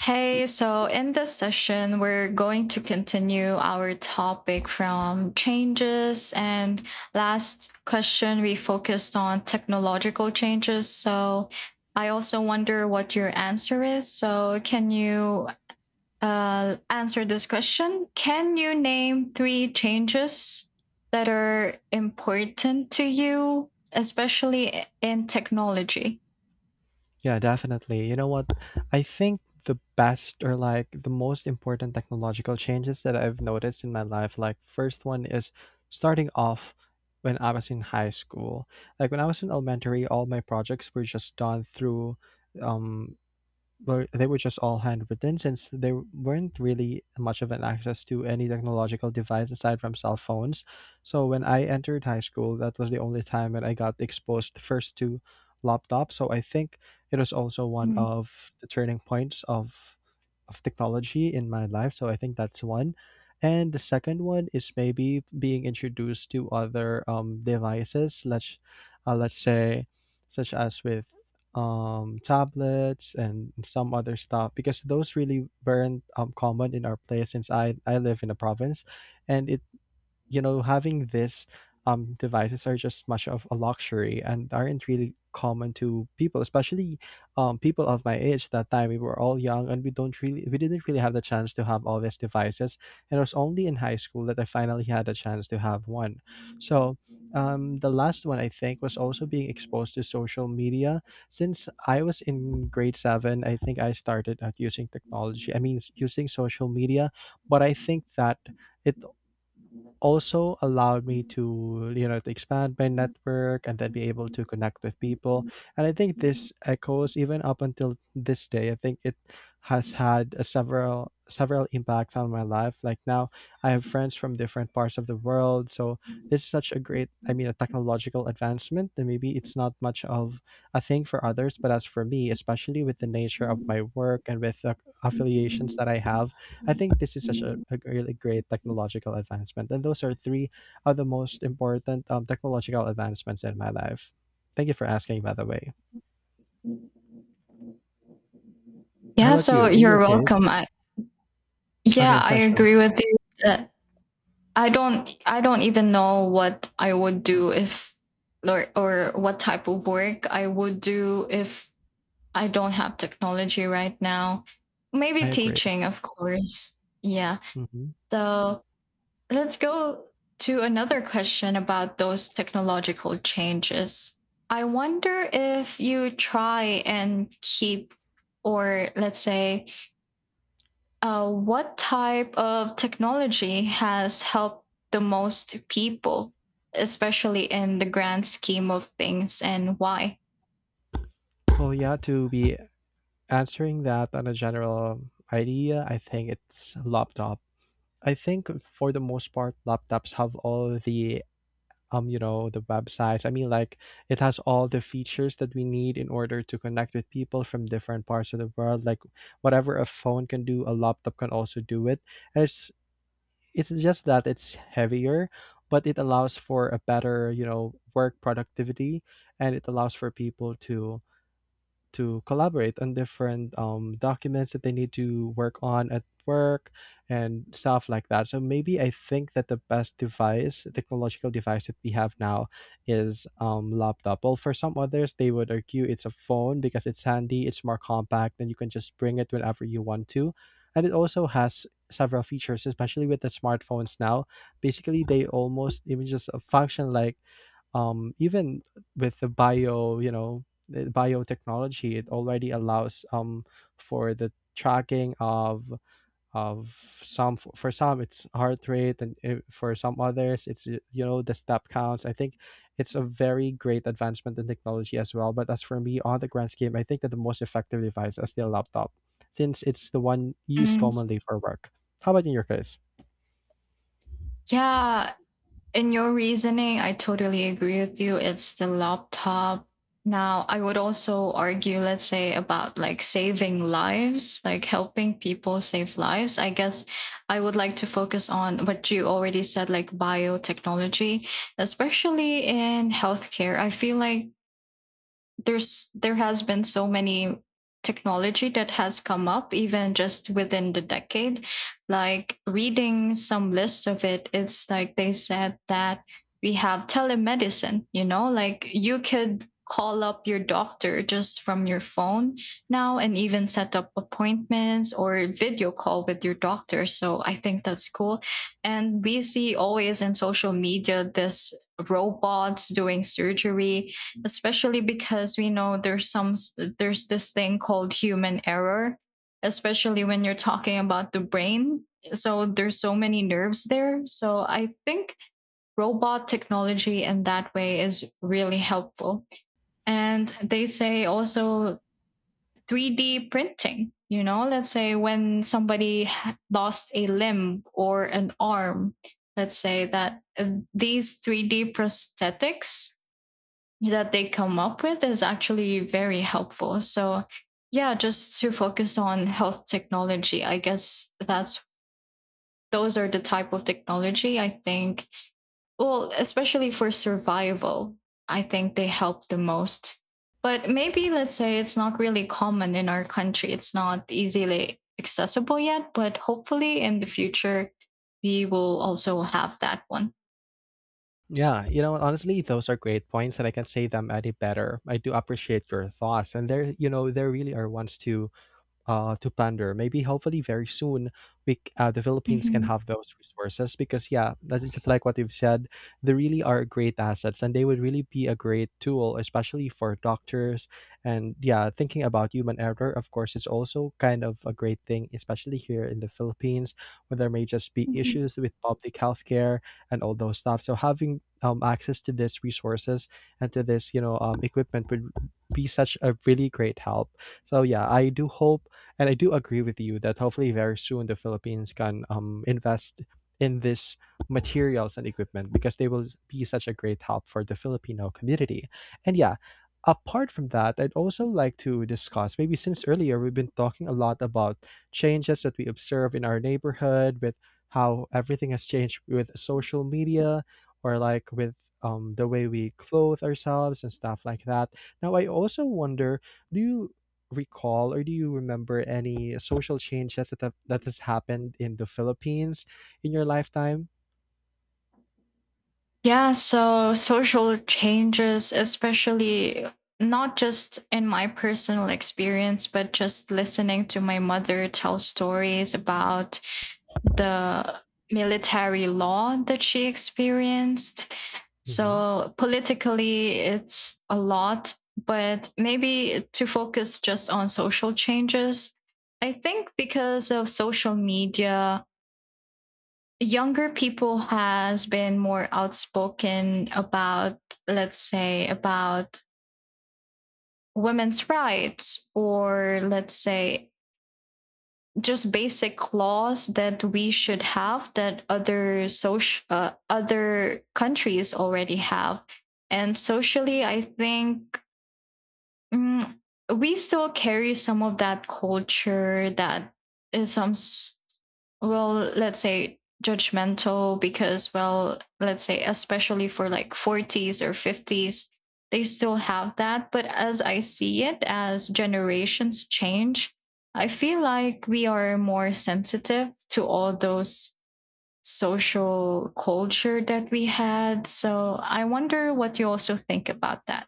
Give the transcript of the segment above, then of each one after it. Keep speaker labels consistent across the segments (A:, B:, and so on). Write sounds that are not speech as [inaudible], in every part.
A: Hey, so in this session, we're going to continue our topic from changes. And last question, we focused on technological changes. So I also wonder what your answer is. So, can you answer this question? Can you name three changes that are important to you, especially in technology?
B: Yeah, definitely. You know what? I think the best or like the most important technological changes that I've noticed in my life, like first one is starting off when I was in high school. Like when I was in elementary, all my projects were just done through um were they were just all handwritten since there weren't really much of an access to any technological device aside from cell phones. So when I entered high school, that was the only time when I got exposed first to laptops. So I think it was also one
A: Mm.
B: of the turning points of technology in my life. So I think that's one. And the second one is maybe being introduced to other devices. Let's say such as with tablets and some other stuff because those really weren't common in our place since I live in the province and having this devices are just much of a luxury and aren't really common to people, especially people of my age. That time we were all young and we didn't really have the chance to have all these devices. And it was only in high school that I finally had a chance to have one. So. The last one I think was also being exposed to social media. Since I was in grade seven, I think I started at using technology. I mean, using social media, but I think that it also allowed me to you know to expand my network and then be able to connect with people. And I think this echoes even up until this day. I think it has had a several impacts on my life, like now I have friends from different parts of the world. So this is such a great, I mean a technological advancement that maybe it's not much of a thing for others, but as for me, especially with the nature of my work and with the affiliations that I have, I think this is such a really great technological advancement. And those are three of the most important technological advancements in my life. Thank you for asking, by the way. How
A: Yeah,
B: about
A: so
B: you? In
A: you're
B: your case?
A: welcome. Yeah,
B: Okay,
A: I
B: yeah, sure.
A: agree with you that I don't even know what I would do if or what type of work I would do if I don't have technology right now. Maybe
B: I agree.
A: teaching, of course. Yeah.
B: Hmm.
A: So let's go to another question about those technological changes. I wonder if you try and keep or let's say what type of technology has helped the most people, especially in the grand scheme of things, and why?
B: Well, yeah, to be answering that on a general idea, I think it's laptop. I think for the most part, laptops have all the you know the websites, I mean, like it has all the features that we need in order to connect with people from different parts of the world, like whatever a phone can do a laptop can also do it, and it's just that it's heavier, but it allows for a better work productivity, and it allows for people to collaborate on different documents that they need to work on at work and stuff like that. So maybe I think that the best device, technological device that we have now is laptop. Well, for some others, they would argue it's a phone because it's handy, it's more compact, and you can just bring it whenever you want to. And it also has several features, especially with the smartphones now. Basically, they almost even just function like even with the the biotechnology, it already allows for the tracking of some for some it's heart rate, and for some others it's the step counts. I think it's a very great advancement in technology as well, but as for me on the grand scheme, I think that the most effective device is still laptop, since it's the one used
A: Mm,
B: commonly for work. How about in your case?
A: yeah, in your reasoning, I totally agree with you. It's the laptop. Now, I would also argue, let's say, about like saving lives, like helping people save lives. I guess I would like to focus on what you already said, like biotechnology, especially in healthcare. I feel like there has been so many technology that has come up even just within the decade, like reading some list of it, it's like they said that we have telemedicine. You know, like you could call up your doctor just from your phone now and even set up appointments or video call with your doctor. So I think that's cool. And we see always in social media this robots doing surgery, especially because we know there's some there's this thing called human error, especially when you're talking about the brain. So there's so many nerves there, so I think robot technology in that way is really helpful. And they say also 3D printing, you know, let's say when somebody lost a limb or an arm, let's say that these 3D prosthetics that they come up with is actually very helpful. So, yeah, just to focus on health technology, I guess that's those are the type of technology I think, well, especially for survival, I think they help the most. But maybe let's say it's not really common in our country. It's not easily accessible yet, but hopefully in the future, we will also have that one.
B: Yeah, honestly, those are great points, and I can say them any better. I do appreciate your thoughts, and there really are ones to ponder. Maybe hopefully very soon the Philippines can
A: Mhm.
B: have [laughs] those resources, because yeah, that's just like what you've said. They really are great assets, and they would really be a great tool, especially for doctors. And yeah, thinking about human error, of course, it's also kind of a great thing, especially here in the Philippines, where there may just be
A: Mhm.
B: issues with public healthcare and all those stuff. So having access to these resources and to this equipment would be such a really great help. So yeah, I do hope, and I do agree with you, that hopefully very soon the Philippines can invest in this materials and equipment because they will be such a great help for the Filipino community. And yeah, apart from that, I'd also like to discuss, maybe since earlier we've been talking a lot about changes that we observe in our neighborhood with how everything has changed with social media, or like with the way we clothe ourselves and stuff like that. Now, I also wonder, do you recall, or do you remember any social changes that has happened in the Philippines in your lifetime?
A: Yeah, so social changes, especially not just in my personal experience, but just listening to my mother tell stories about the military law that she experienced.
B: Mhm.
A: So, politically, it's a lot, but maybe to focus just on social changes, I think because of social media, younger people has been more outspoken about, let's say about women's rights, or let's say just basic laws that we should have that other social other countries already have. And socially I think, Mm, we still carry some of that culture that is well, let's say judgmental, because well, let's say especially for like 40s or 50s, they still have that. But as I see it, as generations change, I feel like we are more sensitive to all those social culture that we had. So I wonder what you also think about that.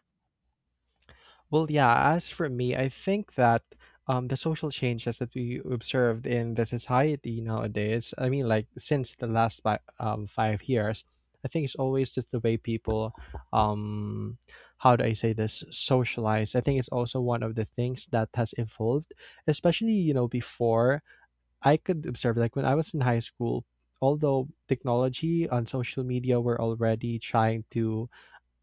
B: Well, yeah, as for me, I think that the social changes that we observed in the society nowadays, I mean, like since the last 5 years, I think it's always just the way people, um, how do I say this, socialize. I think it's also one of the things that has evolved, especially, before I could observe, like when I was in high school, although technology on social media were already trying to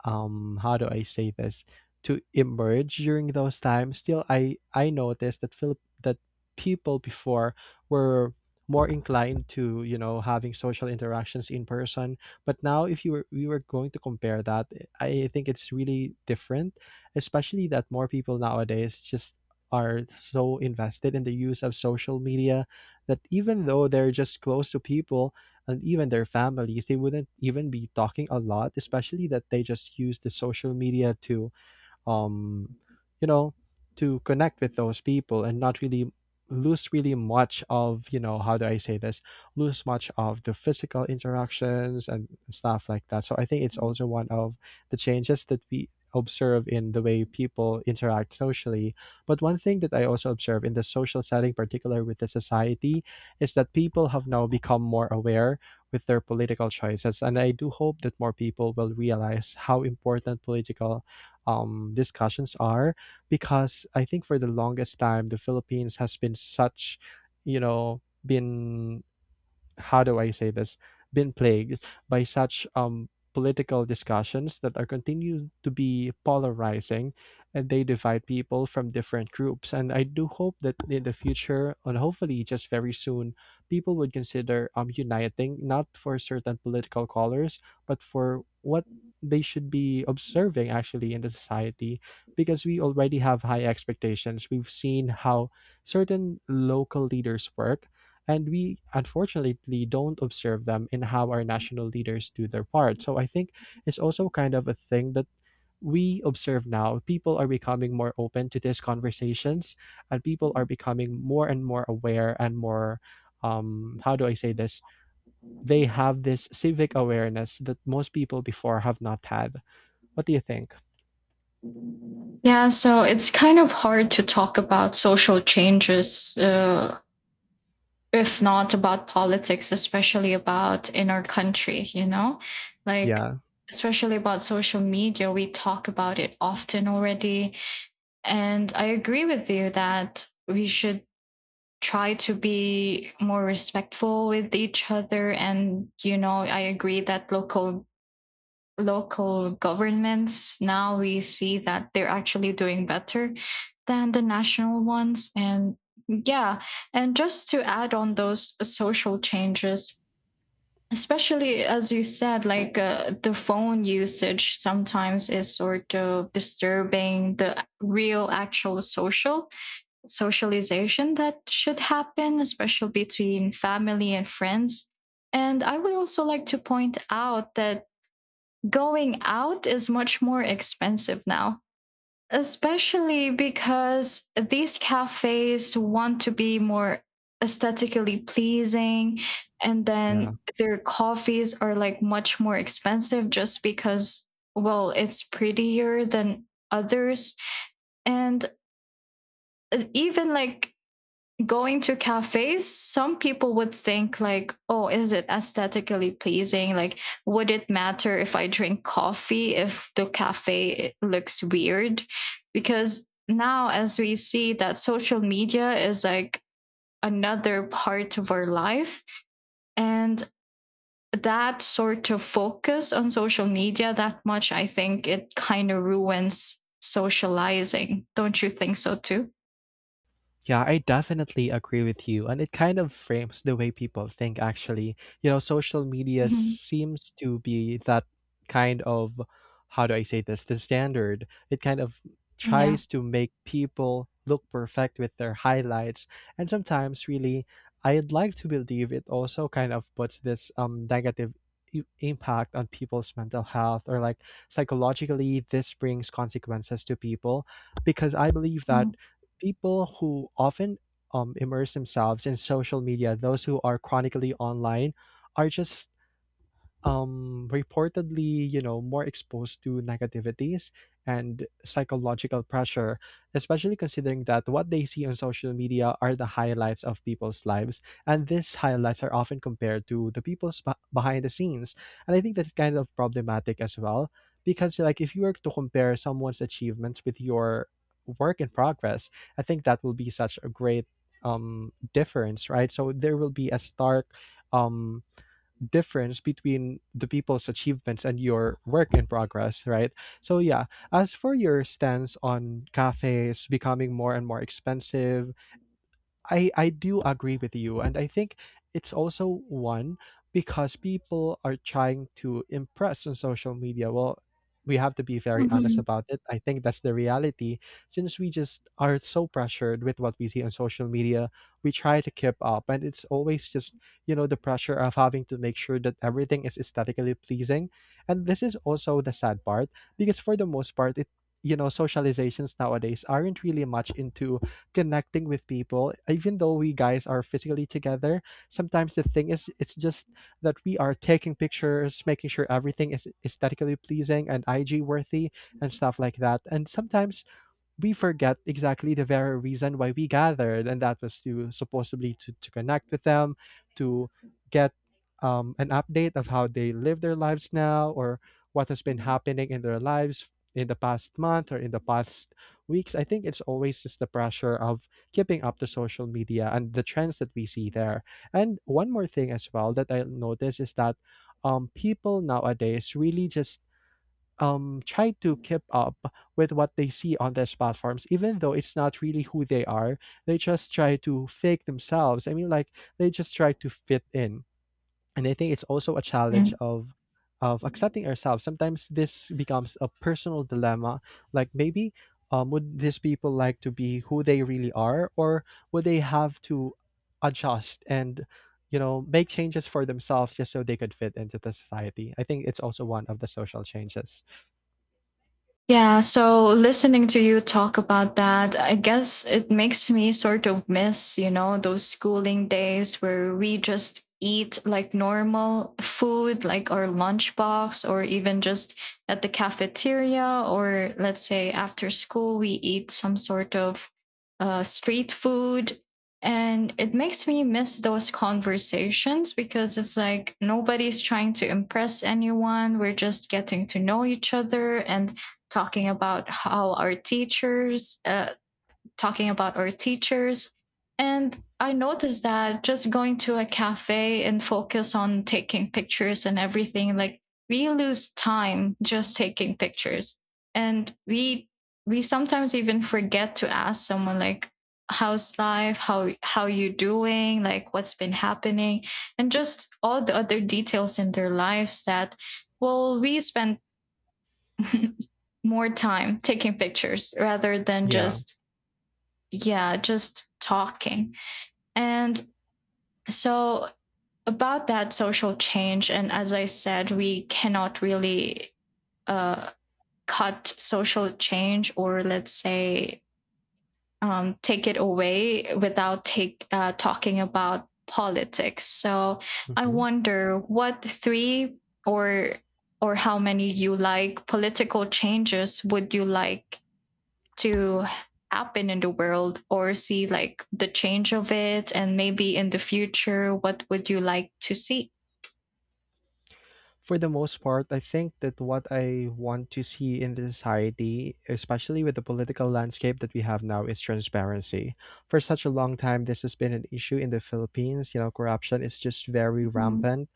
B: how do I say this, to emerge during those times. Still, I noticed that people before were more inclined to having social interactions in person. But now, if you were we were going to compare that, I think it's really different, especially that more people nowadays just are so invested in the use of social media, that even though they're just close to people and even their families, they wouldn't even be talking a lot, especially that they just use the social media um, you know, to connect with those people and not really lose really much of, how do I say this? Lose much of the physical interactions and stuff like that. So I think it's also one of the changes that we observe in the way people interact socially. But one thing that I also observe in the social setting, particular with the society, is that people have now become more aware with their political choices. And I do hope that more people will realize how important political discussions are, because I think for the longest time the Philippines has been such, been, how do I say this, been plagued by such political discussions that are continued to be polarizing, and they divide people from different groups. And I do hope that in the future, and hopefully just very soon, people would consider uniting not for certain political colors, but for what they should be observing actually in the society, because we already have high expectations. We've seen how certain local leaders work, and we unfortunately don't observe them in how our national leaders do their part. So I think it's also kind of a thing that we observe now, people are becoming more open to these conversations, and people are becoming more and more aware, and more, how do I say this, they have this civic awareness that most people before have not had. What do you think?
A: Yeah, so it's kind of hard to talk about social changes if not about politics, especially about in our country, you know? Like,
B: Yeah,
A: especially about social media, we talk about it often already. And I agree with you that we should try to be more respectful with each other. And, you know, I agree that local governments now we see that they're actually doing better than the national ones. And yeah, and just to add on those social changes, especially as you said, like the phone usage sometimes is sort of disturbing the real actual socialization that should happen, especially between family and friends. And I would also like to point out that going out is much more expensive now, especially because these cafes want to be more aesthetically pleasing, and
B: yeah.
A: then their coffees are like much more expensive just because, well, it's prettier than others. And even like going to cafes, some people would think like, oh, is it aesthetically pleasing? Like, would it matter if I drink coffee if the cafe looks weird? Because now, as we see that social media is like another part of our life, and that sort of focus on social media that much, I think it kind of ruins socializing. Don't you think so too?
B: Yeah, I definitely agree with you. And it kind of frames the way people think, actually. You know, social media
A: Mm-hmm.
B: seems to be that kind of, how do I say this, the standard. It kind of
A: Yeah.
B: tries to make people look perfect with their highlights. And sometimes, really, I'd like to believe it also kind of puts this negative impact on people's mental health, or like psychologically this brings consequences to people, because I believe that
A: Mm-hmm.
B: people who often immerse themselves in social media, those who are chronically online, are just reportedly, more exposed to negativities and psychological pressure, especially considering that what they see on social media are the highlights of people's lives. And these highlights are often compared to the people's behind the scenes. And I think that's kind of problematic as well, because, like, if you were to compare someone's achievements with your work in progress, I think that will be such a great difference, right? So there will be a stark um difference between the people's achievements and your work in progress, right? So yeah, as for your stance on cafes becoming more and more expensive, I do agree with you, and I think it's also one because people are trying to impress on social media. Well, we have to be very honest
A: Mm-hmm.
B: about it. I think that's the reality. Since we just are so pressured with what we see on social media, we try to keep up, and it's always just the pressure of having to make sure that everything is aesthetically pleasing. And this is also the sad part because for the most part, it you know socializations nowadays aren't really much into connecting with people even though we guys are physically together. Sometimes the thing is it's just that we are taking pictures, making sure everything is aesthetically pleasing and IG worthy and stuff like that. And sometimes we forget exactly the very reason why we gathered, and that was to supposedly to, connect with them, to get an update of how they live their lives now or what has been happening in their lives in the past month or in the past weeks. I think it's always just the pressure of keeping up to social media and the trends that we see there. And one more thing as well that I notice is that people nowadays really just try to keep up with what they see on these platforms, even though it's not really who they are. They just try to fake themselves. I mean, like, they just try to fit in. And I think it's also a challenge of accepting ourselves. Sometimes this becomes a personal dilemma, like maybe would these people like to be who they really are, or would they have to adjust and, make changes for themselves just so they could fit into the society. I think it's also one of the social changes.
A: Yeah, so listening to you talk about that, I guess it makes me sort of miss, you know, those schooling days where we just eat like normal food, like our lunchbox, or even just at the cafeteria, or let's say after school, we eat some sort of street food. And it makes me miss those conversations because it's like nobody's trying to impress anyone. We're just getting to know each other and talking about how our teachers, uh, talking about our teachers. And I noticed that just going to a cafe and focus on taking pictures and everything, like we lose time just taking pictures. And we sometimes even forget to ask someone like, how's life, how you doing, like what's been happening, and just all the other details in their lives. That well, we spend [laughs] more time taking pictures rather than
B: Yeah.
A: just, yeah, just talking. And so, about that social change, and as I said, we cannot really uh, cut social change, or let's say take it away without take talking about politics. So I
B: Mhm.
A: wonder what three or or how many you like political changes would you like to happen in the world, or see like the change of it, and maybe in the future what would you like to see?
B: For the most part, I think that what I want to see in the society, especially with the political landscape that we have now, is transparency. For such a long time, this has been an issue in the Philippines. You know, corruption is just very
A: Mhm.
B: rampant,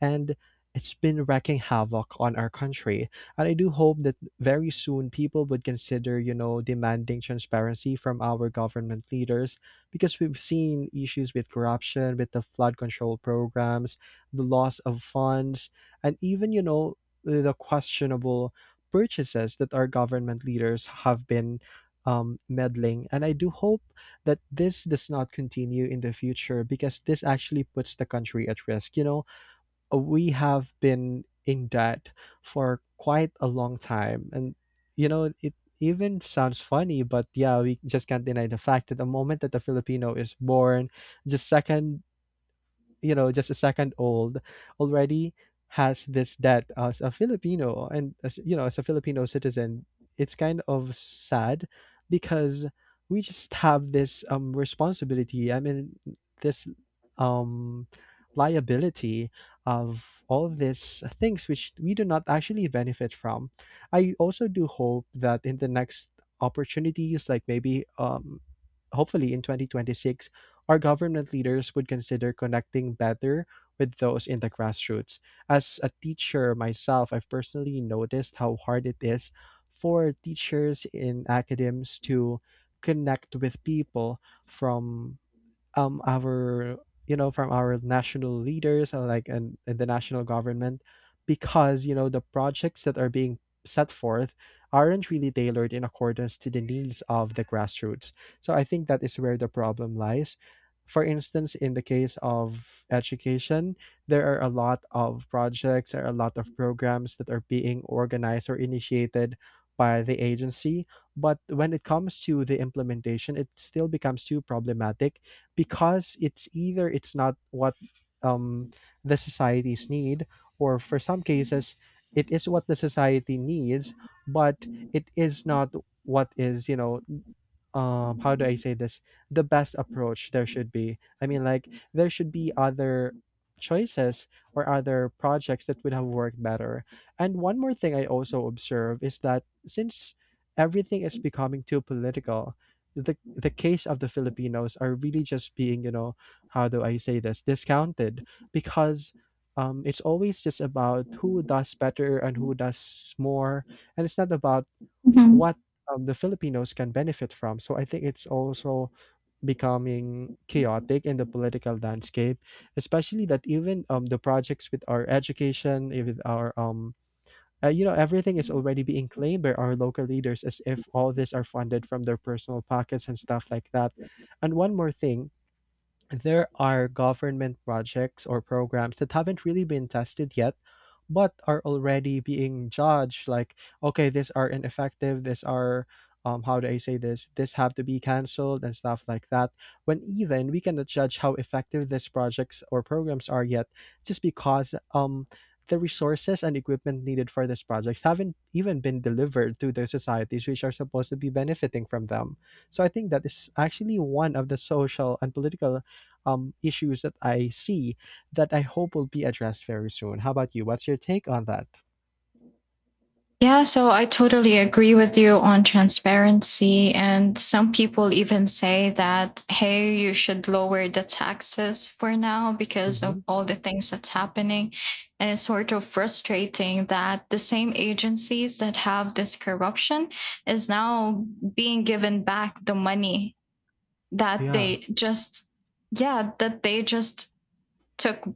B: and it's been wreaking havoc on our country. And I do hope that very soon people would consider, you know, demanding transparency from our government leaders, because we've seen issues with corruption, with the flood control programs, the loss of funds, and even, you know, the questionable purchases that our government leaders have been meddling. And I do hope that this does not continue in the future because this actually puts the country at risk. You know, we have been in debt for quite a long time, and you know, it even sounds funny, but yeah, we just can't deny the fact that the moment that the Filipino is born, the second, you know, just a second old, already has this debt as a Filipino and, as you know, as a Filipino citizen. It's kind of sad because we just have this responsibility, I mean, this um liability of all these things which we do not actually benefit from. I also do hope that in the next opportunities, like maybe hopefully in 2026 our government leaders would consider connecting better with those in the grassroots. As a teacher myself, I've personally noticed how hard it is for teachers in academics to connect with people from our, you know, from our national leaders and like and the national government, because you know the projects that are being set forth aren't really tailored in accordance to the needs of the grassroots. So I think that is where the problem lies. For instance, in the case of education, there are a lot of projects, there are a lot of programs that are being organized or initiated by the agency, but when it comes to the implementation, it still becomes too problematic, because it's either it's not what um, the societies need, or for some cases, it is what the society needs, but it is not what is, you know, how do I say this, the best approach there should be. I mean, like, there should be other choices or other projects that would have worked better. And one more thing I also observe is that since everything is becoming too political, the case of the Filipinos are really just being, you know, how do I say this, discounted, because it's always just about who does better and who does more, and it's not about
A: Mhm.
B: what, the Filipinos can benefit from. So I think it's also becoming chaotic in the political landscape, especially that even the projects with our education, eh, with our you know, everything is already being claimed by our local leaders as if all this are funded from their personal pockets and stuff like that. And one more thing, there are government projects or programs that haven't really been tested yet, but are already being judged like, okay, these are ineffective, these are, how do I say this? This have to be canceled and stuff like that. When even we cannot judge how effective these projects or programs are yet, just because the resources and equipment needed for these projects haven't even been delivered to the societies which are supposed to be benefiting from them. So I think that is actually one of the social and political issues that I see, that I hope will be addressed very soon. How about you? What's your take on that?
A: Yeah, so I totally agree with you on transparency. And some people even say that, hey, you should lower the taxes for now because
B: Mm-hmm.
A: of all the things that's happening. And it's sort of frustrating that the same agencies that have this corruption is now being given back the money that
B: Yeah.
A: they just, yeah, that they just took,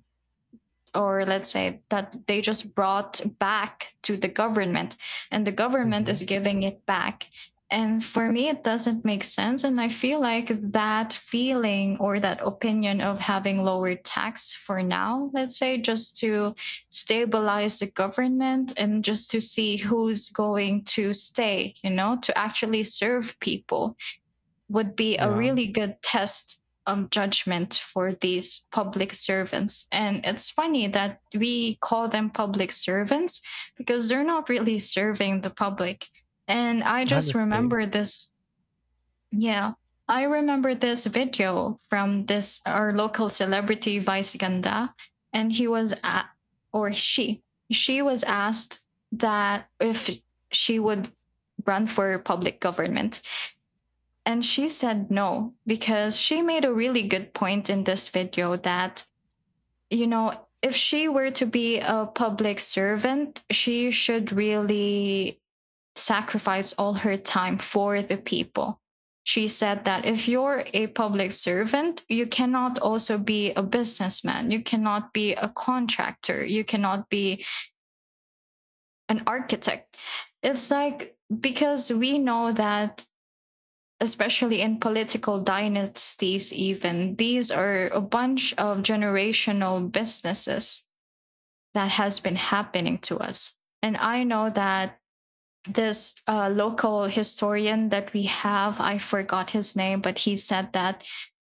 A: or let's say that they just brought back to the government, and the government is
B: Mm-hmm.
A: giving it back. And for me it doesn't make sense, and I feel like that feeling or that opinion of having lower tax for now, let's say, just to stabilize the government and just to see who's going to stay, you know, to actually serve people, would be a
B: Yeah.
A: really good test of judgment for these public servants. And it's funny that we call them public servants because they're not really serving the public. And I just
B: Honestly.
A: remember this. Yeah, I remember this video from this our local celebrity Vice Ganda, and he was at, or she was asked that if she would run for public government, and she said no, because she made a really good point in this video that, you know, if she were to be a public servant, she should really sacrifice all her time for the people. She said that if you're a public servant, you cannot also be a businessman. You cannot be a contractor. You cannot be an architect. It's like because we know that especially in political dynasties, even these are a bunch of generational businesses that has been happening to us. And I know that this local historian that we have, I forgot his name, but he said that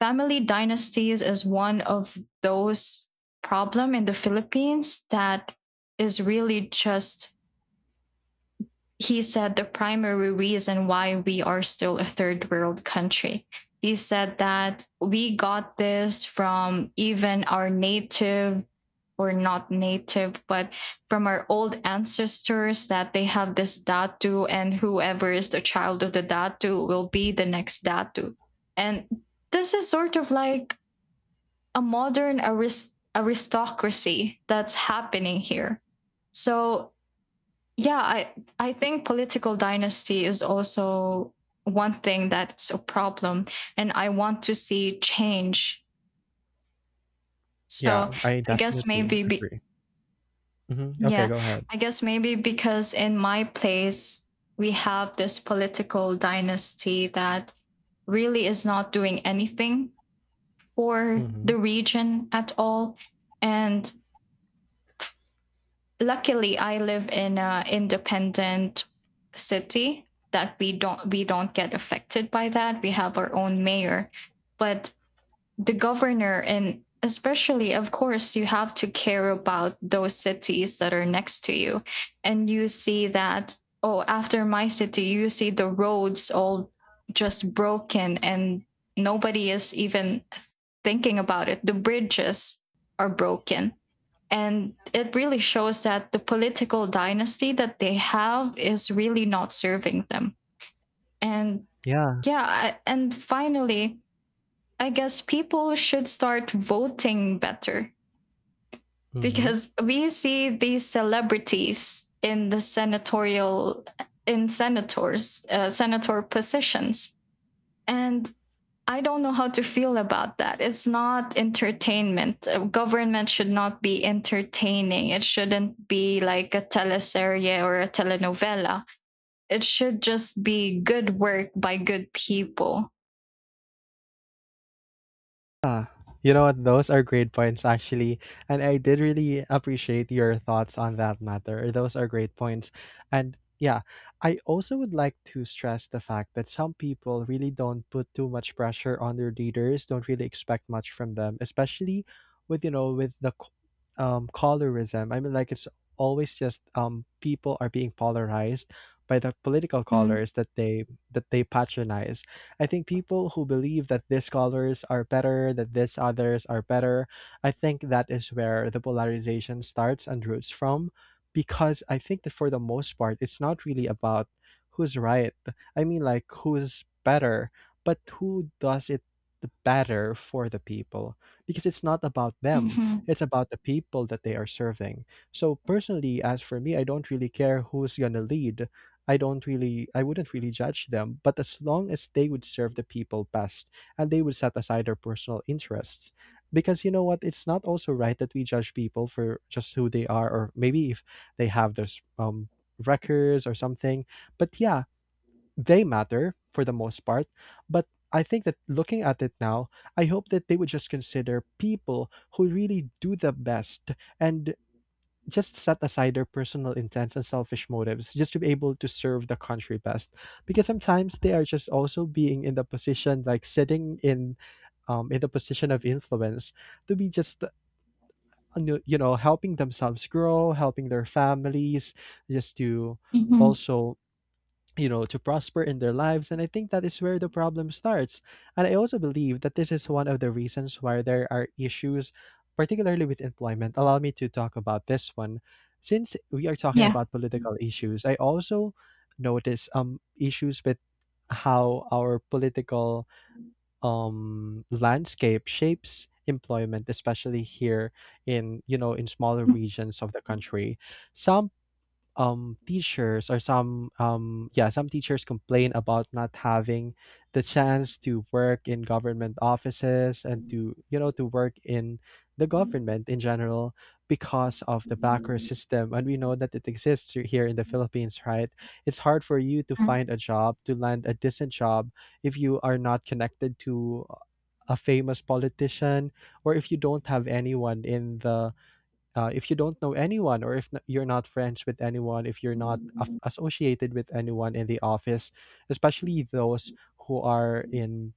A: family dynasties is one of those problem in the Philippines that is really just, he said the primary reason why we are still a third-world country. He said that we got this from even our native, or not native, but from our old ancestors, that they have this datu, and whoever is the child of the datu will be the next datu. And this is sort of like a modern aristocracy that's happening here. So yeah, I think political dynasty is also one thing that's a problem, and I want to see change. So
B: Yeah, I
A: i guess
B: definitely
A: maybe be,
B: agree. Mm-hmm. Okay,
A: yeah,
B: go ahead.
A: I guess maybe because in my place we have this political dynasty that really is not doing anything for
B: Mm-hmm.
A: the region at all. And luckily I live in an independent city that we don't get affected by that. We have our own mayor. But the governor, and especially of course you have to care about those cities that are next to you, and you see that, oh, after my city you see the roads all just broken, and nobody is even thinking about it. The bridges are broken, and it really shows that the political dynasty that they have is really not serving them. And
B: Yeah.
A: yeah, and finally I guess people should start voting better,
B: Mm-hmm.
A: because we see these celebrities in the senatorial, in senators senator positions. And I don't know how to feel about that. It's not entertainment. Government should not be entertaining. It shouldn't be like a teleserie or a telenovela. It should just be good work by good people.
B: Ah, you know what? Those are great points, actually. And I did really appreciate your thoughts on that matter. Those are great points. And yeah, I also would like to stress the fact that some people really don't put too much pressure on their leaders, don't really expect much from them, especially with, you know, with colorism. I mean, like, it's always just, people are being polarized by the political
A: Mm.
B: colors that they patronize. I think people who believe that these colors are better, that these others are better, I think that is where the polarization starts and roots from. Because I think that for the most part, it's not really about who's right. I mean, like, who's better, but who does it the better for the people? Because it's not about them,
A: Mhm.
B: it's about the people that they are serving. So, personally, as for me, I don't really care who's going to lead. I don't really, I wouldn't really judge them, but as long as they would serve the people best and they would set aside their personal interests. Because you know what, it's not also right that we judge people for just who they are, or maybe if they have those records or something. But yeah, they matter for the most part. But I think that looking at it now, I hope that they would just consider people who really do the best and just set aside their personal intents and selfish motives just to be able to serve the country best, because sometimes they are just also being in the position, like sitting in the position of influence, to be just, you know, helping themselves grow, helping their families just to
A: Mhm.
B: also, you know, to prosper in their lives. And I think that is where the problem starts. And I also believe that this is one of the reasons why there are issues, particularly with employment. Allow me to talk about this one. Since we are talking
A: Yeah.
B: about political issues, I also notice issues with how our political landscape shapes employment, especially here in, you know, in smaller regions of the country. Some teachers or some yeah, some teachers complain about not having the chance to work in government offices and to, you know, to work in the government in general, because of the backer system, and we know that it exists here in the Philippines, right? It's hard for you to
A: Mm-hmm.
B: find a job, to land a decent job if you are not connected to a famous politician, or if you don't have anyone in the, if you don't know anyone, or if you're not friends with anyone, if you're not associated with anyone in the office, especially those who are in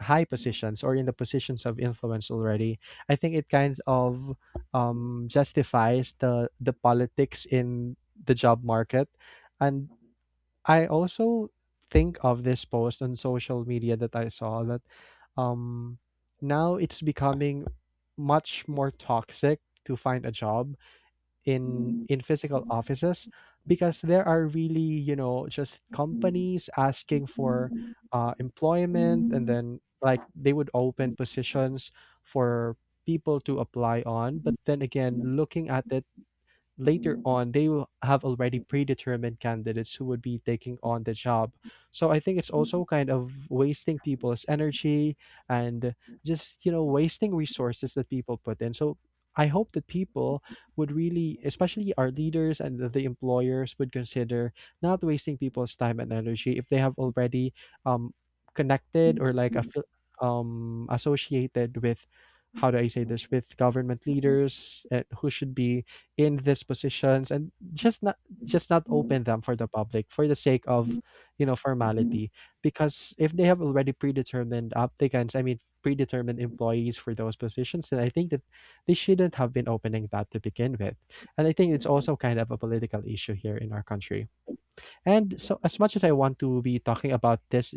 B: high positions or in the positions of influence already. I think it kind of justifies the politics in the job market. And I also think of this post on social media that I saw, that um, now it's becoming much more toxic to find a job in physical offices, because there are really, you know, just companies asking for employment and then like they would open positions for people to apply on, but then again, looking at it later on, they will have already predetermined candidates who would be taking on the job. So I think it's also kind of wasting people's energy and, just you know, wasting resources that people put in. So I hope that people would really, especially our leaders and the employers, would consider not wasting people's time and energy if they have already um connected, or like associated with, how do I say this, with government leaders, who should be in these positions, and just not, just not open them for the public for the sake of, you know, formality. Because if they have already predetermined applicants, I mean predetermined employees for those positions, then I think that they shouldn't have been opening that to begin with. And I think it's also kind of a political issue here in our country. And so, as much as I want to be talking about this,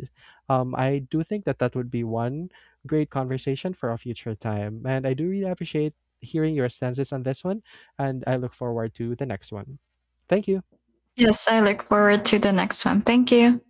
B: I do think that that would be one great conversation for a future time. And I do really appreciate hearing your stances on this one, and I look forward to the next one. Thank you.
A: Yes, I look forward to the next one. Thank you.